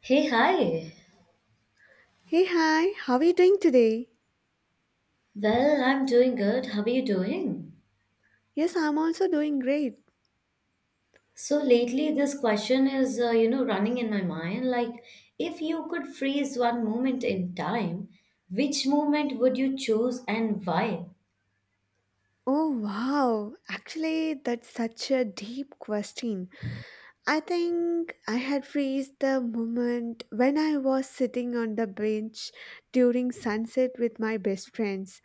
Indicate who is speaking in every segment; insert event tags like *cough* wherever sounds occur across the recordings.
Speaker 1: Hey, hi.
Speaker 2: Hey, hi, how are you doing today?
Speaker 1: Well, I'm doing good. How are you doing?
Speaker 2: Yes, I'm also doing great.
Speaker 1: So lately, this question is, running in my mind. If you could freeze one moment in time, which moment would you choose and why?
Speaker 2: Oh, wow. Actually, that's such a deep question. I think I had freezed the moment when I was sitting on the bench during sunset with my best friends.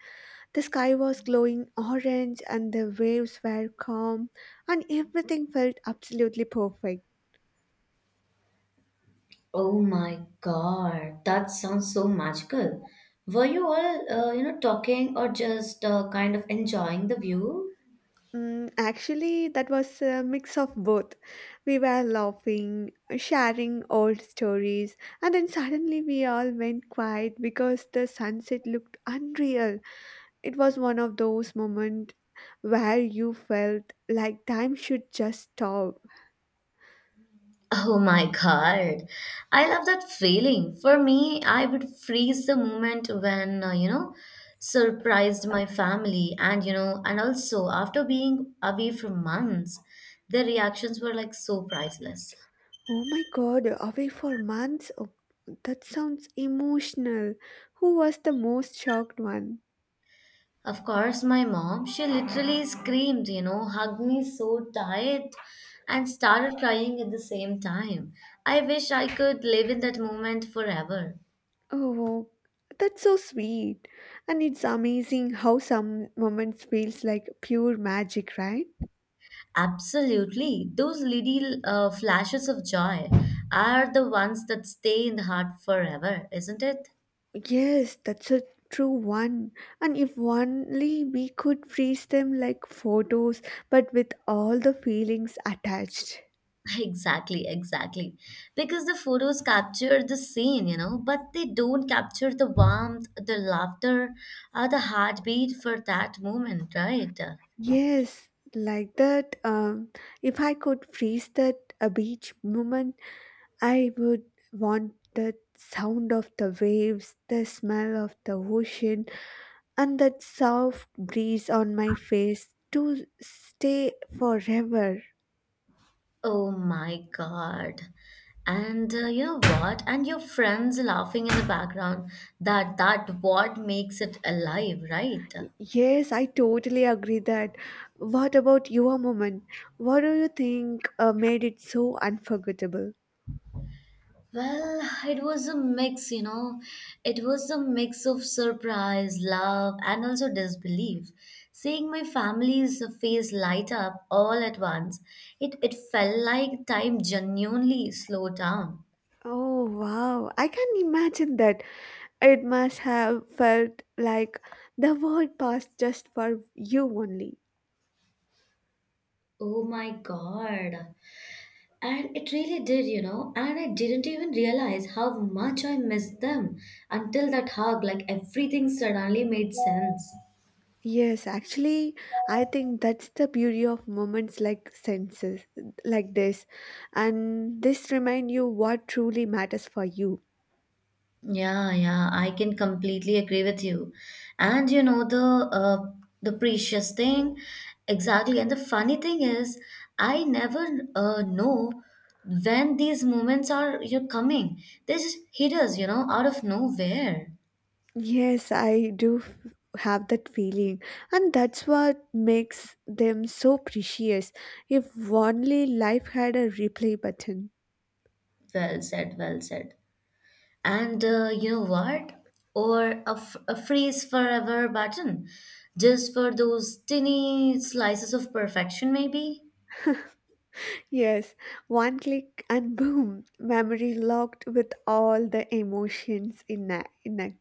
Speaker 2: The sky was glowing orange and the waves were calm, and everything felt absolutely perfect.
Speaker 1: Oh my God, that sounds so magical. Were you all, talking or just kind of enjoying the view?
Speaker 2: Mm, actually, that was a mix of both. We were laughing, sharing old stories, and then suddenly we all went quiet because the sunset looked unreal. It was one of those moments where you felt like time should just stop.
Speaker 1: Oh my God. I love that feeling. For me, I would freeze the moment when, surprised my family and and also after being away for months, their reactions were like so priceless.
Speaker 2: Oh my god, away for months? Oh, that sounds emotional. Who was the most shocked one?
Speaker 1: Of course, my mom, she literally screamed, hugged me so tight and started crying at the same time. I wish I could live in that moment forever.
Speaker 2: Oh, that's so sweet. And it's amazing how some moments feels like pure magic, right?
Speaker 1: Absolutely. Those little flashes of joy are the ones that stay in the heart forever, isn't it?
Speaker 2: Yes, that's a true one. And if only we could freeze them like photos, but with all the feelings attached.
Speaker 1: *laughs* Exactly, exactly. Because the photos capture the scene, you know, but they don't capture the warmth, the laughter, or the heartbeat for that moment, right?
Speaker 2: Yes, like that. If I could freeze that a beach moment, I would want the sound of the waves, the smell of the ocean, and that soft breeze on my face to stay forever.
Speaker 1: Oh my God. And you know what? And your friends laughing in the background, that what makes it alive, right?
Speaker 2: Yes, I totally agree that. What about your moment? What do you think made it so unforgettable?
Speaker 1: Well, it was a mix, you know. It was a mix of surprise, love, and also disbelief. Seeing my family's face light up all at once, it felt like time genuinely slowed down.
Speaker 2: Oh wow, I can imagine that. It must have felt like the world passed just for you only.
Speaker 1: Oh my God. And it really did, you know. And I didn't even realize how much I missed them until that hug, like everything suddenly made sense.
Speaker 2: Yes, actually, I think that's the beauty of moments like senses, like this, and this remind you what truly matters for you.
Speaker 1: Yeah, yeah, I can completely agree with you. And you know the precious thing, exactly. And the funny thing is, I never know when these moments are you're coming. They just hit us, you know, out of nowhere.
Speaker 2: Yes, have that feeling, and that's what makes them so precious. If only life had a replay button.
Speaker 1: Well said, well said. And you know what? Or a freeze forever button, just for those tiny slices of perfection, maybe.
Speaker 2: Yes, one click and boom, memory locked with all the emotions in a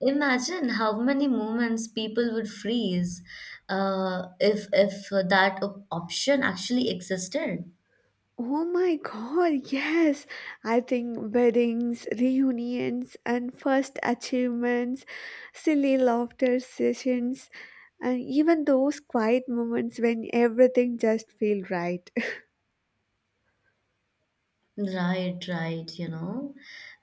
Speaker 1: Imagine how many moments people would freeze if option actually existed.
Speaker 2: Oh my god, yes! I think weddings, reunions, and first achievements, silly laughter sessions, and even those quiet moments when everything just feels right. *laughs*
Speaker 1: Right, right, you know.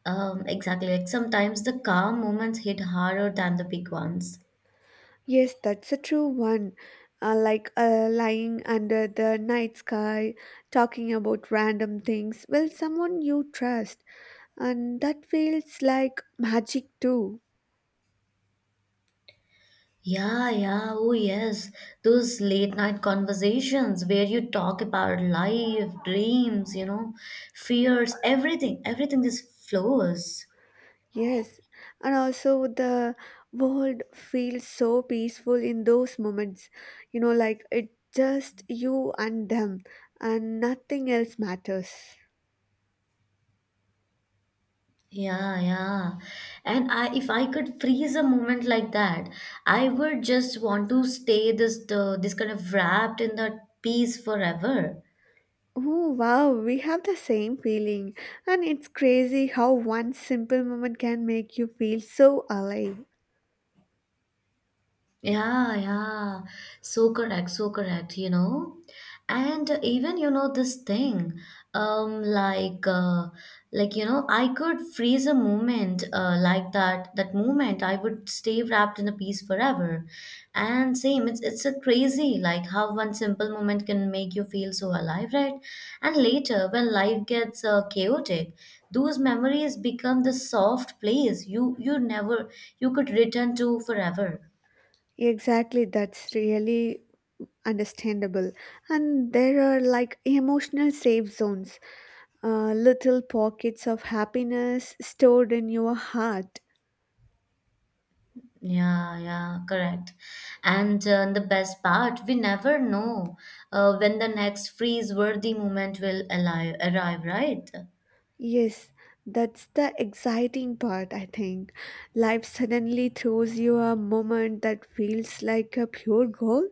Speaker 1: Exactly. Like sometimes the calm moments hit harder than the big ones.
Speaker 2: Yes, that's a true one. Like lying under the night sky, talking about random things with someone you trust, and that feels like magic too.
Speaker 1: Yeah, yeah, oh yes. Those late night conversations where you talk about life, dreams, you know, fears, everything just flows.
Speaker 2: Yes, and also the world feels so peaceful in those moments, you know, like it just you and them, and nothing else matters.
Speaker 1: Yeah, yeah. And I If I could freeze a moment like that, I would just want to stay this kind of wrapped in that peace forever.
Speaker 2: Oh wow, we have the same feeling, and it's crazy how one simple moment can make you feel so alive.
Speaker 1: Yeah, yeah. So correct, you know. And even you know this thing, um, like uh, you know, I could freeze a moment like that. That moment, I would stay wrapped in a piece forever. And same, it's a crazy like how one simple moment can make you feel so alive, right? And later, when life gets chaotic, those memories become the soft place you you never you could return to forever.
Speaker 2: Exactly, that's really understandable. And there are like emotional safe zones, little pockets of happiness stored in your heart.
Speaker 1: Yeah, yeah, correct. And the best part, we never know when the next freeze-worthy moment will arrive, right?
Speaker 2: Yes, that's the exciting part, I think. Life suddenly throws you a moment that feels like a pure gold.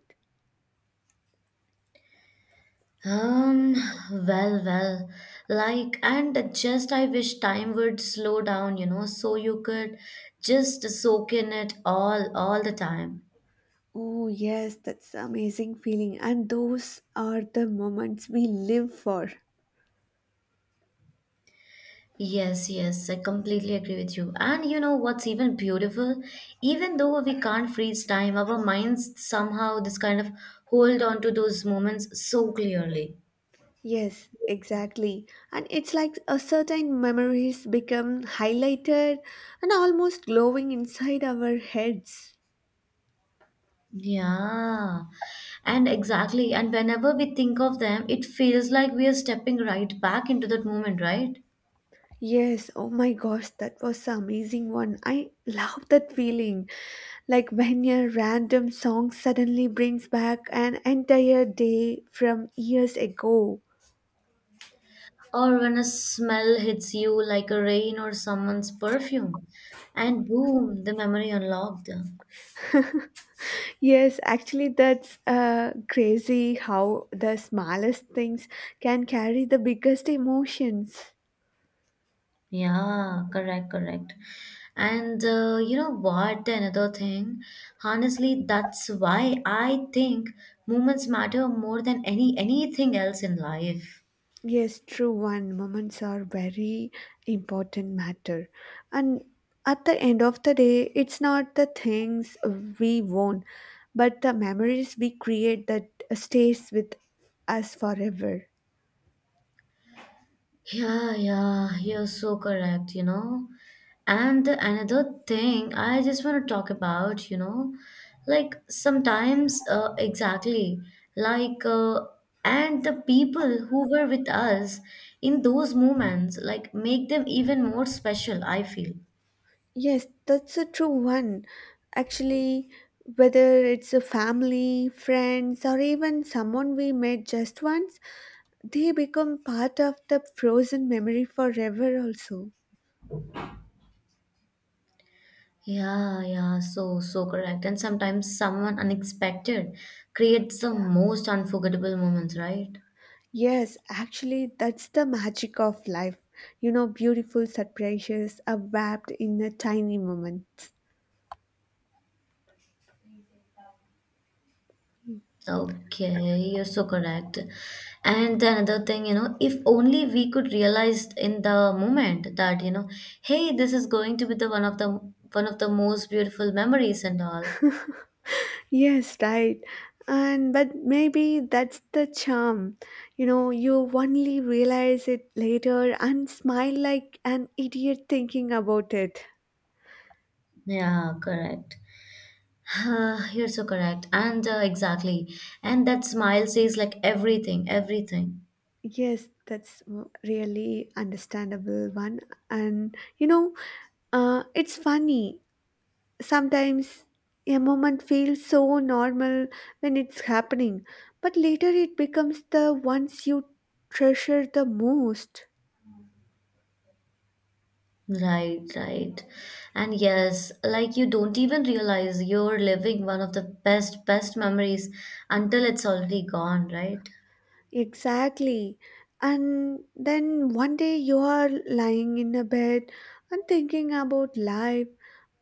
Speaker 1: Um, well, well, and just I wish time would slow down, you know, so you could just soak in it all the time.
Speaker 2: Oh, yes, that's amazing feeling. And those are the moments we live for.
Speaker 1: Yes, yes, I completely agree with you. And you know what's even beautiful? Even though we can't freeze time, our minds somehow this kind of hold on to those moments so clearly.
Speaker 2: Yes, exactly. And it's like a certain memories become highlighted and almost glowing inside our heads.
Speaker 1: Yeah. And exactly. And whenever we think of them, it feels like we are stepping right back into that moment, right?
Speaker 2: Yes, oh my gosh, that was an amazing one. I love that feeling. Like when a random song suddenly brings back an entire day from years ago.
Speaker 1: Or when a smell hits you like a rain or someone's perfume, and boom, the memory unlocked.
Speaker 2: Yes, actually, that's crazy how the smallest things can carry the biggest emotions.
Speaker 1: Yeah, correct, correct. And you know what? Another thing, honestly, that's why I think moments matter more than anything else in life.
Speaker 2: Yes, true one. Moments are very important matter. And at the end of the day, it's not the things we won, but the memories we create that stays with us forever.
Speaker 1: Yeah, yeah, you're so correct, you know. And the another thing I just want to talk about, you know, like sometimes, exactly, like, uh, and the people who were with us in those moments, like, make them even more special, I feel.
Speaker 2: Yes, that's a true one. Actually, whether it's a family, friends, or even someone we met just once, they become part of the frozen memory forever also.
Speaker 1: Yeah, yeah, so so correct. And sometimes someone unexpected creates the most unforgettable moments, right?
Speaker 2: Yes, actually, that's the magic of life. You know, beautiful surprises are wrapped in a tiny moments.
Speaker 1: Okay, you're so correct. And the another thing, you know, if only we could realize in the moment that, you know, hey, this is going to be the one of the one of the most beautiful memories and all.
Speaker 2: Yes, right. And but maybe that's the charm. You know, you only realize it later and smile like an idiot thinking about it.
Speaker 1: Yeah, correct. *sighs* You're so correct. And exactly. And that smile says like everything, everything.
Speaker 2: Yes, really understandable one. And you know, it's funny. Sometimes a moment feels so normal when it's happening, but later it becomes the ones you treasure the most.
Speaker 1: Right, right. And yes, like you don't even realize you're living one of the best memories until it's already gone, right?
Speaker 2: Exactly. And then one day you are lying in a bed and thinking about life,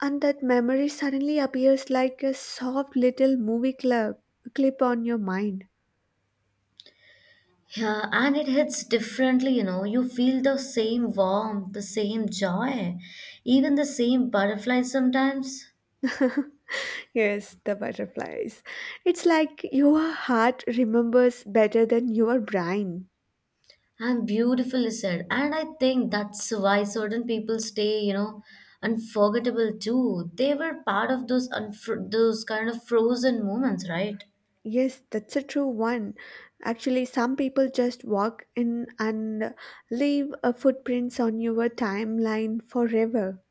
Speaker 2: and that memory suddenly appears like a soft little movie club clip on your mind.
Speaker 1: Yeah, and it hits differently, you know. You feel the same warmth, the same joy, even the same butterfly sometimes.
Speaker 2: Yes, the butterflies. It's like your heart remembers better than your brain.
Speaker 1: And beautifully said. And I think that's why certain people stay, you know, unforgettable too. They were part of those kind of frozen moments, right?
Speaker 2: Yes, that's a true one. Actually, some people just walk in and leave a footprints on your timeline forever.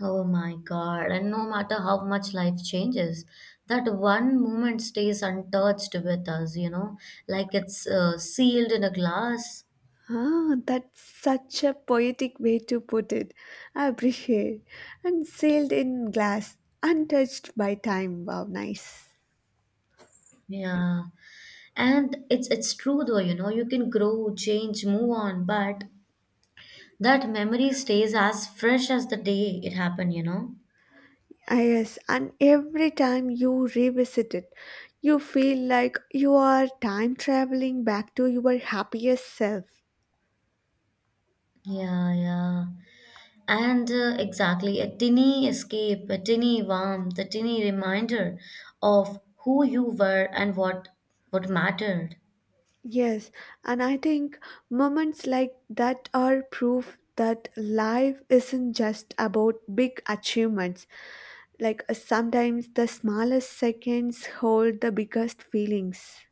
Speaker 1: Oh my God. And no matter how much life changes, that one moment stays untouched with us, you know, like it's sealed in a glass.
Speaker 2: Ah, that's such a poetic way to put it. I appreciate. And sealed in glass, untouched by time. Wow, nice.
Speaker 1: Yeah, and it's true though, you know, you can grow, change, move on, but that memory stays as fresh as the day it happened, you know.
Speaker 2: Ah, yes, and every time you revisit it, you feel like you are time traveling back to your happiest self.
Speaker 1: Yeah, yeah, and exactly. A tiny escape, a tiny warmth, a tiny reminder of who you were and what mattered.
Speaker 2: Yes, and I think moments like that are proof that life isn't just about big achievements. Like sometimes the smallest seconds hold the biggest feelings.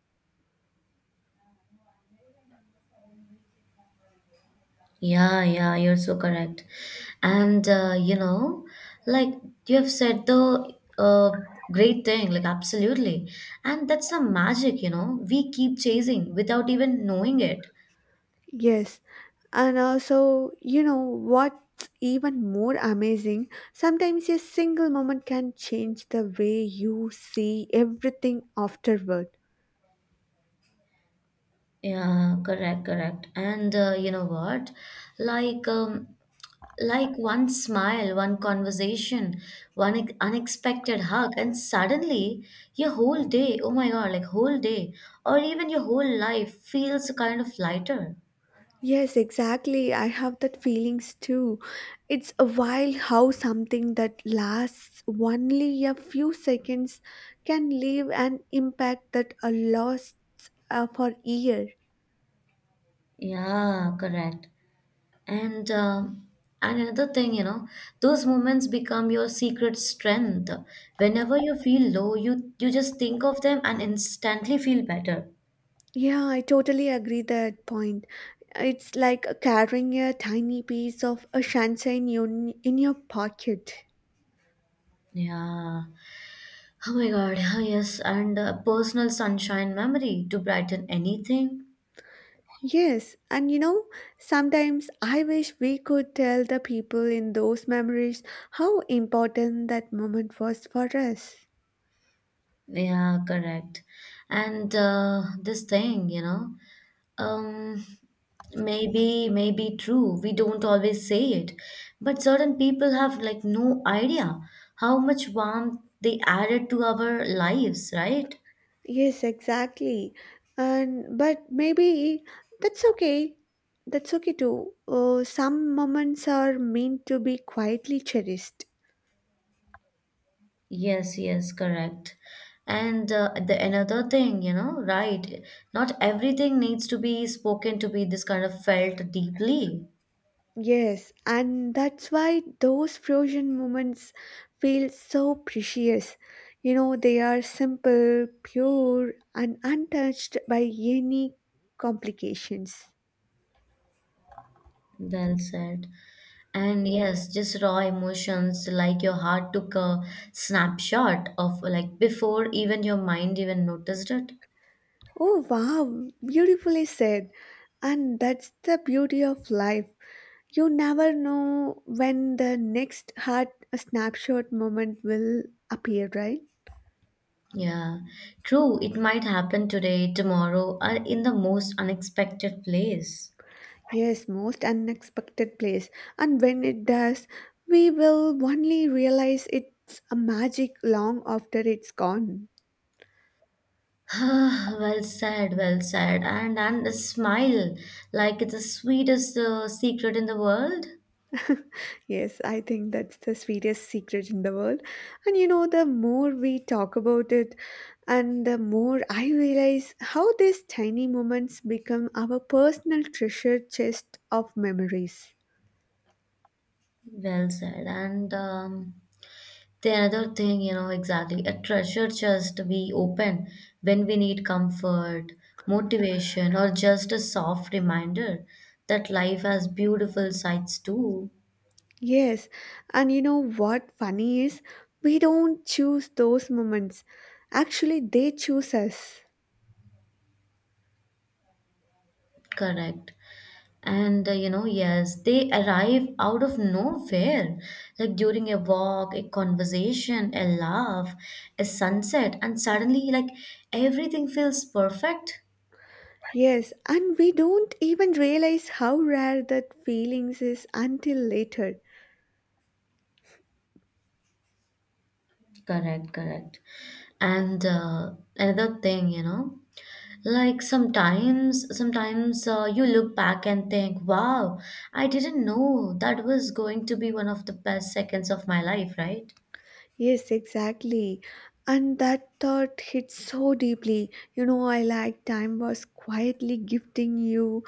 Speaker 1: Yeah, yeah, you're so correct. And you know, like you have said the great thing, like absolutely. And that's the magic, you know, we keep chasing without even knowing it.
Speaker 2: Yes, and also, you know, what's even more amazing, sometimes a single moment can change the way you see everything afterward.
Speaker 1: Yeah, correct, correct. And you know what? Like um, like one smile, one conversation, unexpected hug, and suddenly your whole day, oh my God, like whole day, or even your whole life feels kind of lighter.
Speaker 2: Yes, exactly. I have that feelings too. It's a wild how something that lasts only a few seconds can leave an impact that a lasts for year.
Speaker 1: Yeah, correct. And um and another thing, you know, those moments become your secret strength. Whenever you feel low, you just think of them and instantly feel better.
Speaker 2: Yeah, I totally agree that point. It's like carrying a tiny piece of a sunshine in your pocket.
Speaker 1: Yeah. Oh my God. *laughs* Oh yes, and personal sunshine memory to brighten anything.
Speaker 2: Yes, and you know, sometimes I wish we could tell the people in those memories how important that moment was for us.
Speaker 1: Yeah, correct. And this thing, you know, um, maybe true. We don't always say it, but certain people have like no idea how much warmth they added to our lives, right?
Speaker 2: Yes, exactly. And but maybe that's okay. That's okay too. Some moments are meant to be quietly cherished.
Speaker 1: Yes, yes, correct. And the another thing, you know, right? Not everything needs to be spoken to be this kind of felt deeply.
Speaker 2: Yes, and that's why those frozen moments feel so precious. You know, they are simple, pure, and untouched by any complications.
Speaker 1: Well said. And yes, just raw emotions like your heart took a snapshot of like before even your mind even noticed it.
Speaker 2: Oh, wow, beautifully said. And that's the beauty of life. You never know when the next heart snapshot moment will appear, right?
Speaker 1: Yeah, true. It might happen today, tomorrow, or in the most unexpected place.
Speaker 2: Yes, most unexpected place. And when it does, we will only realize it's a magic long after it's gone.
Speaker 1: *sighs* Well said, well said. And a smile, like it's the sweetest secret in the world.
Speaker 2: Yes, I think that's the sweetest secret in the world. And you know, the more we talk about it, and the more I realize how these tiny moments become our personal treasure chest of memories.
Speaker 1: Well said. And the another thing, you know, exactly, a treasure chest we open when we need comfort, motivation, or just a soft reminder that life has beautiful sides too.
Speaker 2: Yes, and you know what funny is? We don't choose those moments. Actually, they choose us.
Speaker 1: Correct. And you know, yes, they arrive out of nowhere, like during a walk, a conversation, a laugh, a sunset, and suddenly, like, everything feels perfect.
Speaker 2: Yes, and we don't even realize how rare that feelings is until later.
Speaker 1: Correct, correct. And another thing, you know, like sometimes you look back and think, wow, I didn't know that was going to be one of the best seconds of my life, right?
Speaker 2: Yes, exactly. And that thought hits so deeply. You know, I like time was quietly gifting you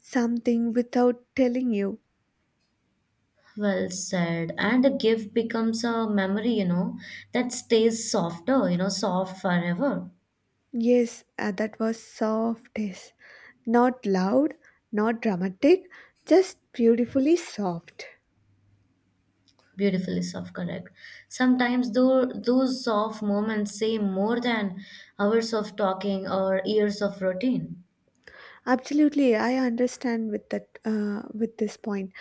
Speaker 2: something without telling you.
Speaker 1: Well said. And a gift becomes a memory, you know, that stays softer, you know, soft forever.
Speaker 2: Yes, that was softest. Not loud, not dramatic, just beautifully soft.
Speaker 1: Beautifully soft, correct. Sometimes though those soft moments say more than hours of talking or years of routine.
Speaker 2: Absolutely, I understand with that with this point.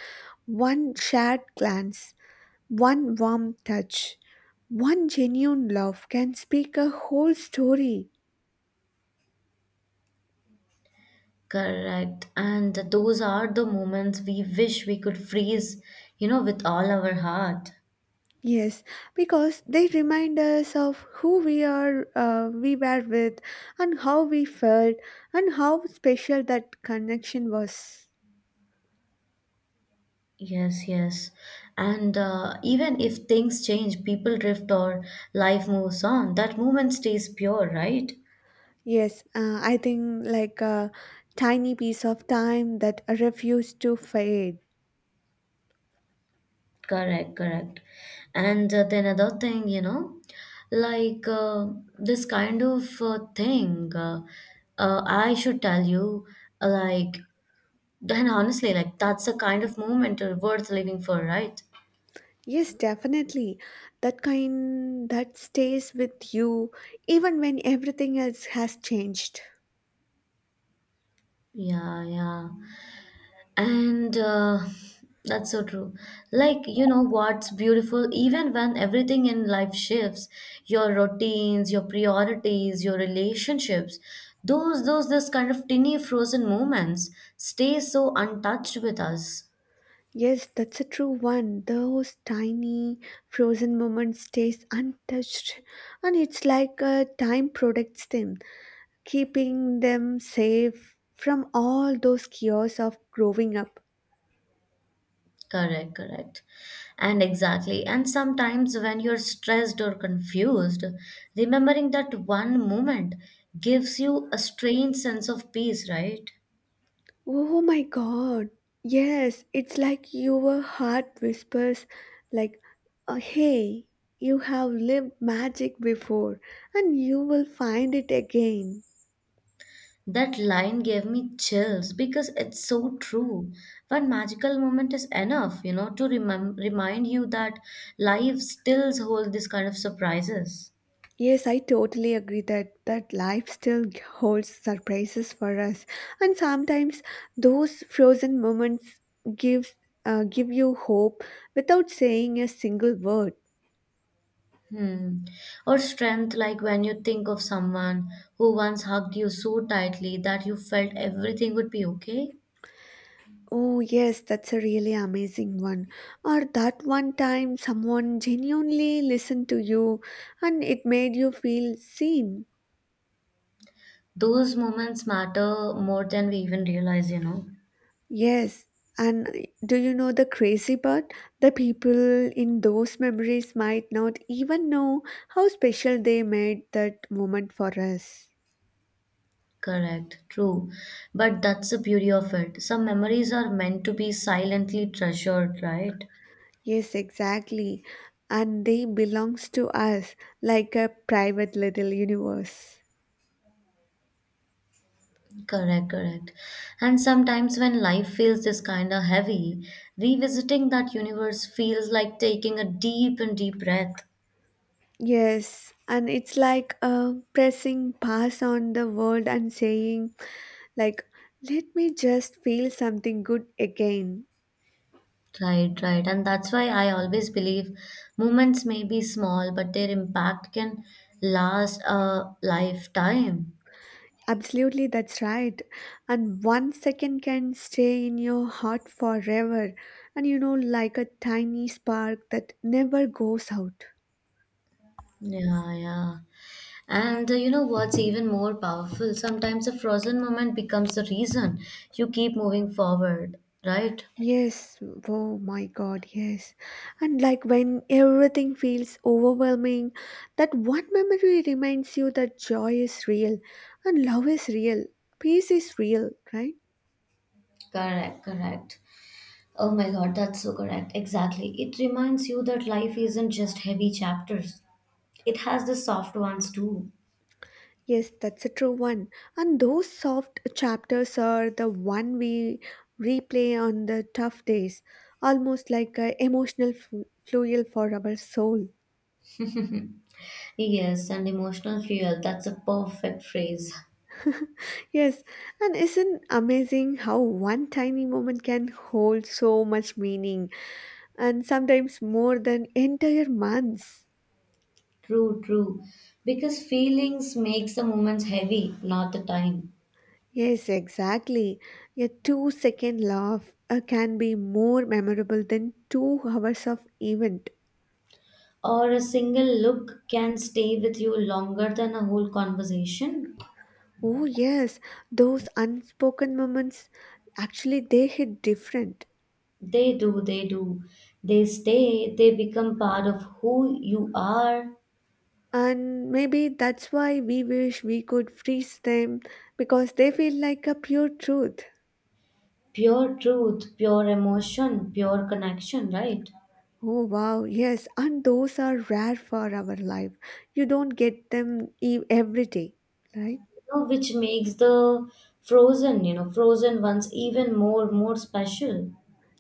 Speaker 2: One shared glance, one warm touch, one genuine love can speak a whole story.
Speaker 1: Correct. And those are the moments we wish we could freeze, you know, with all our heart.
Speaker 2: Yes, because they remind us of who we are, we were with, and how we felt, and how special that connection was.
Speaker 1: Yes, yes. And even if things change, people drift or life moves on, that moment stays pure, right?
Speaker 2: Yes, I think like a tiny piece of time that refused to fade.
Speaker 1: Correct, correct. And then another thing, you know, like this kind of thing, I should tell you, uh, like, *laughs* then honestly, like, that's the kind of moment worth living for, right?
Speaker 2: Yes, definitely. That kind that stays with you even when everything else has changed.
Speaker 1: Yeah, yeah. And that's so true. Like, you know what's beautiful, even when everything in life shifts, your routines, your priorities, your relationships, those this kind of tiny frozen moments stay so untouched with us.
Speaker 2: Yes, that's a true one. Those tiny frozen moments stays untouched and it's like time protects them, keeping them safe from all those chaos of growing up.
Speaker 1: Correct, correct. And exactly. And sometimes when you're stressed or confused, remembering that one moment gives you a strange sense of peace, right?
Speaker 2: Oh my god. Yes, it's like your heart whispers like hey, you have lived magic before and you will find it again.
Speaker 1: That line gave me chills because it's so true. One magical moment is enough, you know, to remind you that life still holds this kind of surprises.
Speaker 2: Yes, I totally agree that that life still holds surprises for us, and sometimes those frozen moments gives give you hope without saying a single word.
Speaker 1: Hmm. Or strength, like when you think of someone who once hugged you so tightly that you felt everything would be okay.
Speaker 2: Oh yes, that's a really amazing one. Or that one time someone genuinely listened to you, and it made you feel seen.
Speaker 1: Those moments matter more than we even realize, you know.
Speaker 2: Yes, and do you know the crazy part? The people in those memories might not even know how special they made that moment for us.
Speaker 1: Correct, true. But that's the beauty of it. Some memories are meant to be silently treasured, right?
Speaker 2: Yes, exactly. And they belongs to us like a private little universe.
Speaker 1: Correct, correct. And sometimes when life feels this kind of heavy, revisiting that universe feels like taking a deep and deep breath.
Speaker 2: Yes, and it's like pressing pass on the world and saying like let me just feel something good again.
Speaker 1: Right, right. And that's why I always believe moments may be small, but their impact can last a lifetime.
Speaker 2: Absolutely, that's right. And one second can stay in your heart forever, and you know, like a tiny spark that never goes out.
Speaker 1: Yeah, yeah. And you know what's even more powerful? Sometimes a frozen moment becomes the reason you keep moving forward, right?
Speaker 2: Yes, oh my god, yes. And like when everything feels overwhelming, that one memory reminds you that joy is real, and love is real, peace is real, right?
Speaker 1: Correct, correct. Oh my God, that's so correct. Exactly. It reminds you that life isn't just heavy chapters, it has the soft ones too.
Speaker 2: Yes, that's a true one. And those soft chapters are the one we replay on the tough days, almost like a emotional fuel for our soul.
Speaker 1: Yes, and emotional fuel. That's a perfect phrase.
Speaker 2: Yes, and isn't amazing how one tiny moment can hold so much meaning and sometimes more than entire months.
Speaker 1: True, true. Because feelings makes the moments heavy, not the time.
Speaker 2: Yes, exactly. A 2-second laugh can be more memorable than 2 hours of event.
Speaker 1: Or a single look can stay with you longer than a whole conversation.
Speaker 2: Oh, yes, those unspoken moments actually they hit different.
Speaker 1: They do, they do. They stay, they become part of who you are.
Speaker 2: And maybe that's why we wish we could freeze them because they feel like a pure truth.
Speaker 1: Pure truth, pure emotion, pure connection, right?
Speaker 2: Oh, wow, yes, and those are rare for our life. You don't get them every day, right?
Speaker 1: You know, which makes the frozen, frozen ones even more special.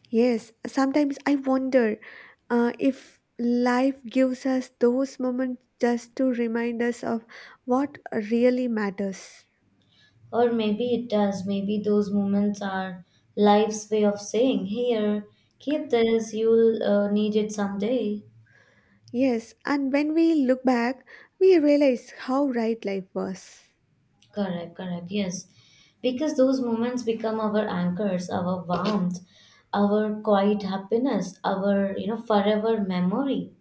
Speaker 2: Yes, sometimes I wonder if life gives us those moments just to remind us of what really matters.
Speaker 1: Or maybe it does. Maybe those moments are life's way of saying, here, keep this, you'll need it someday.
Speaker 2: Yes, and when we look back, we realize how right life was.
Speaker 1: Correct, correct, yes. Because those moments become our anchors, our warmth, our quiet happiness, our forever memory.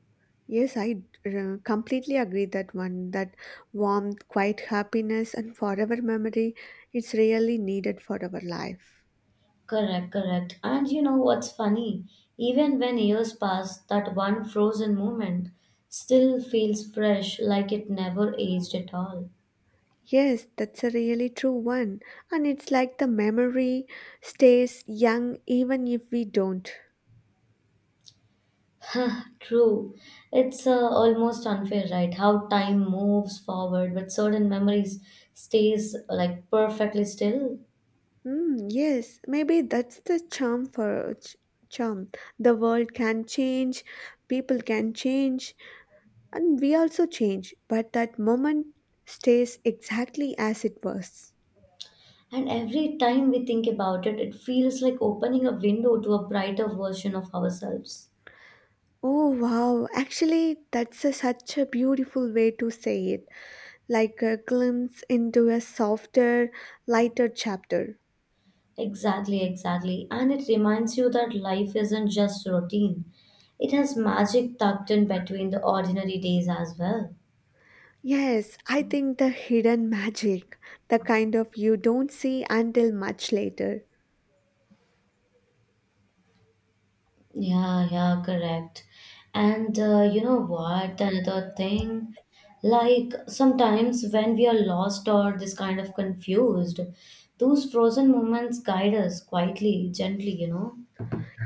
Speaker 2: Yes, I completely agree that one that warmth, quiet happiness, and forever memory it's really needed for our life.
Speaker 1: Correct, correct. And you know what's funny? Even when years pass, that one frozen moment still feels fresh, like it never aged at all.
Speaker 2: Yes, that's a really true one, and it's like the memory stays young even if we don't.
Speaker 1: True. It's almost unfair, right? How time moves forward, but certain memories stays like perfectly still.
Speaker 2: Mm, yes, maybe that's the charm for ch- charm. The world can change, people can change, and we also change, but that moment stays exactly as it was.
Speaker 1: And every time we think about it, it feels like opening a window to a brighter version of ourselves.
Speaker 2: Oh wow, actually, that's a, such a beautiful way to say it, like a glimpse into a softer, lighter chapter.
Speaker 1: Exactly, exactly. And it reminds you that life isn't just routine, it has magic tucked in between the ordinary days as well.
Speaker 2: Yes, I think the hidden magic, the kind of you don't see until much later.
Speaker 1: Yeah, yeah, correct. And you know what? Another thing, like sometimes when we are lost or this kind of confused, those frozen moments guide us quietly, gently.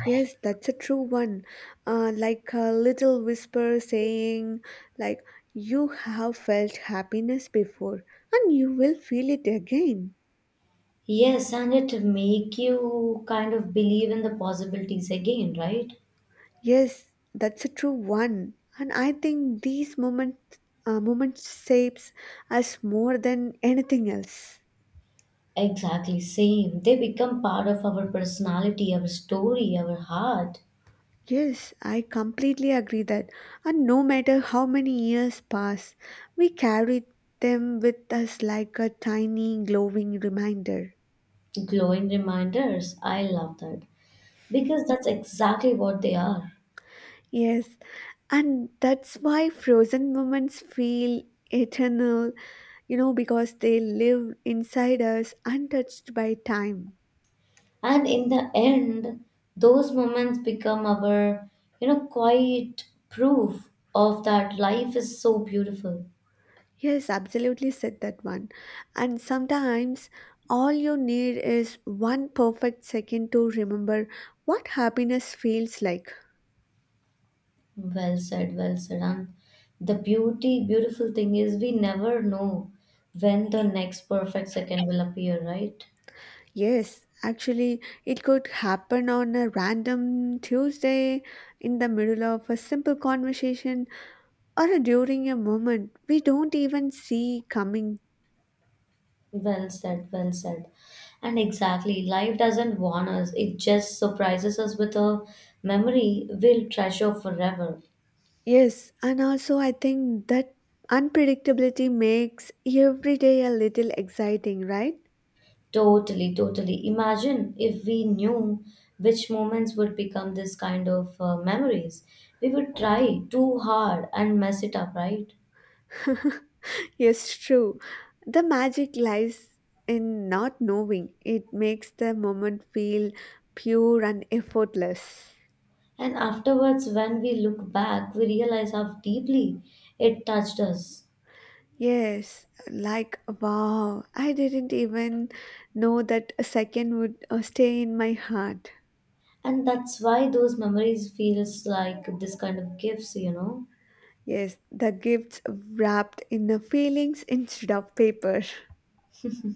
Speaker 2: Yes, that's a true one. Like a little whisper saying, like, you have felt happiness before and you will feel it again.
Speaker 1: Yes, and it make you kind of believe in the possibilities again, right?
Speaker 2: Yes, that's a true one. And I think these moments, moments shapes us more than anything else.
Speaker 1: Exactly, same. They become part of our personality, our story, our heart.
Speaker 2: Yes, I completely agree that. And no matter how many years pass, we carry them with us like a tiny glowing reminder.
Speaker 1: Glowing reminders. I love that. Because that's exactly what they are.
Speaker 2: Yes, and that's why frozen moments feel eternal, you know, because they live inside us untouched by time.
Speaker 1: And in the end, those moments become our quiet proof of that life is so beautiful.
Speaker 2: Yes, absolutely said that one. And sometimes all you need is one perfect second to remember what happiness feels like.
Speaker 1: Well said, well said. And the beautiful thing is we never know when the next perfect second will appear, right?
Speaker 2: Yes, actually, it could happen on a random Tuesday in the middle of a simple conversation or during a moment we don't even see coming.
Speaker 1: Well said, well said. And exactly, life doesn't warn us, it just surprises us with a memory we'll treasure forever.
Speaker 2: Yes, and also I think that unpredictability makes every day a little exciting, right?
Speaker 1: Totally, totally. Imagine if we knew which moments would become this kind of memories. We would try too hard and mess it up, right?
Speaker 2: *laughs* Yes, true. The magic lies in not knowing. It makes the moment feel pure and effortless.
Speaker 1: And afterwards, when we look back, we realize how deeply it touched us.
Speaker 2: Yes, like wow, I didn't even know that a second would stay in my heart.
Speaker 1: And that's why those memories feels like this kind of gifts.
Speaker 2: Yes, the gifts wrapped in the feelings instead of paper.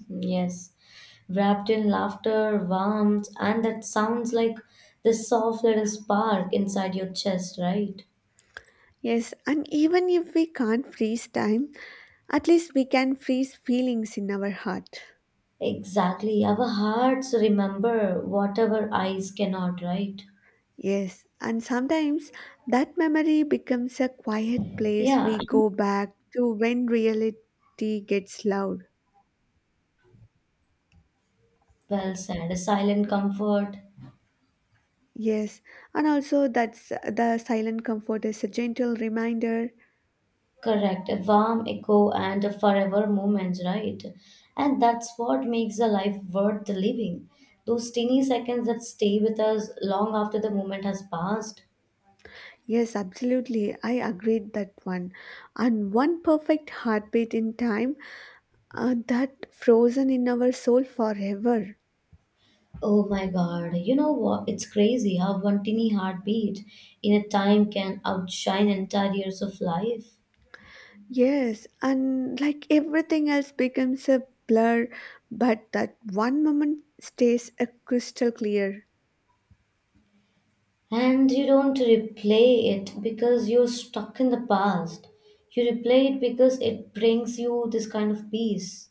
Speaker 1: Yes, wrapped in laughter, warmth, and that sounds like the soft little spark inside your chest, right?
Speaker 2: Yes, and even if we can't freeze time, at least we can freeze feelings in our heart.
Speaker 1: Exactly. Our hearts remember what our eyes cannot, right?
Speaker 2: Yes, and sometimes that memory becomes a quiet place
Speaker 1: Yeah,
Speaker 2: we
Speaker 1: and
Speaker 2: go back to when reality gets loud.
Speaker 1: well said. A silent comfort,
Speaker 2: Yes, and also that's the silent comfort is a gentle reminder.
Speaker 1: correct. A warm echo and a forever moment, right? And that's what makes a life worth the living. Those teeny seconds that stay with us long after the moment has passed.
Speaker 2: Yes, absolutely. I agreed that one. And one perfect heartbeat in time that frozen in our soul forever.
Speaker 1: Oh my God, you know what? It's crazy how one tiny heartbeat in a time can outshine entire years of life.
Speaker 2: Yes, and like everything else becomes a blur, but that one moment stays a crystal clear.
Speaker 1: And you don't replay it because you're stuck in the past. You replay it because it brings you this kind of peace.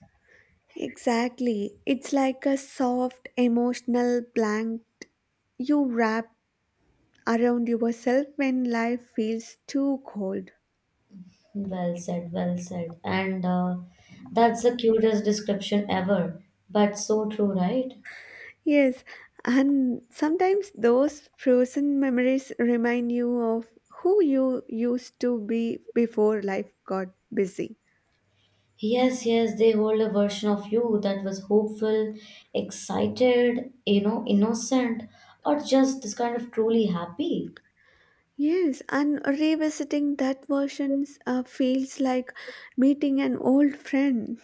Speaker 2: Exactly. It's like a soft emotional blank you wrap around yourself when life feels too cold.
Speaker 1: Well said, well said. And that's the cutest description ever. But so true, right?
Speaker 2: Yes, and sometimes those frozen memories remind you of who you used to be before life got busy.
Speaker 1: Yes, yes, they hold a version of you that was hopeful, excited, innocent, or just this kind of truly happy.
Speaker 2: Yes, and revisiting that versions feels like meeting an old friend.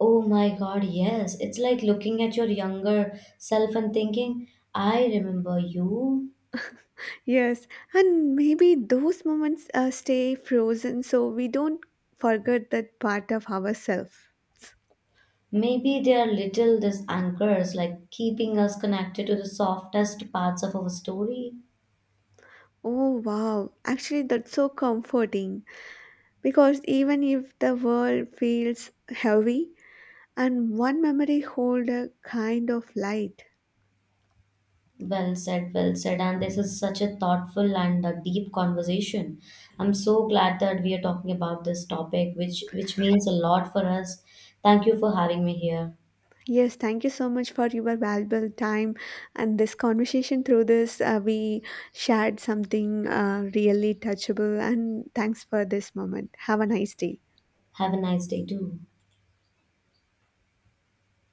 Speaker 1: Oh my God, yes. It's like looking at your younger self and thinking, I remember you.
Speaker 2: Yes, and maybe those moments stay frozen so we don't forget that part of ourselves.
Speaker 1: Maybe they are little these anchors, like keeping us connected to the softest parts of our story.
Speaker 2: Oh wow, actually, that's so comforting because even if the world feels heavy, and one memory hold a kind of light.
Speaker 1: Well said, well said. And this is such a thoughtful and a deep conversation. I'm so glad that we are talking about this topic, which means a lot for us. Thank you for having me here.
Speaker 2: Yes, thank you so much for your valuable time and this conversation. Through this, we shared something really touchable, and thanks for this moment. Have a nice day.
Speaker 1: Have a nice day too.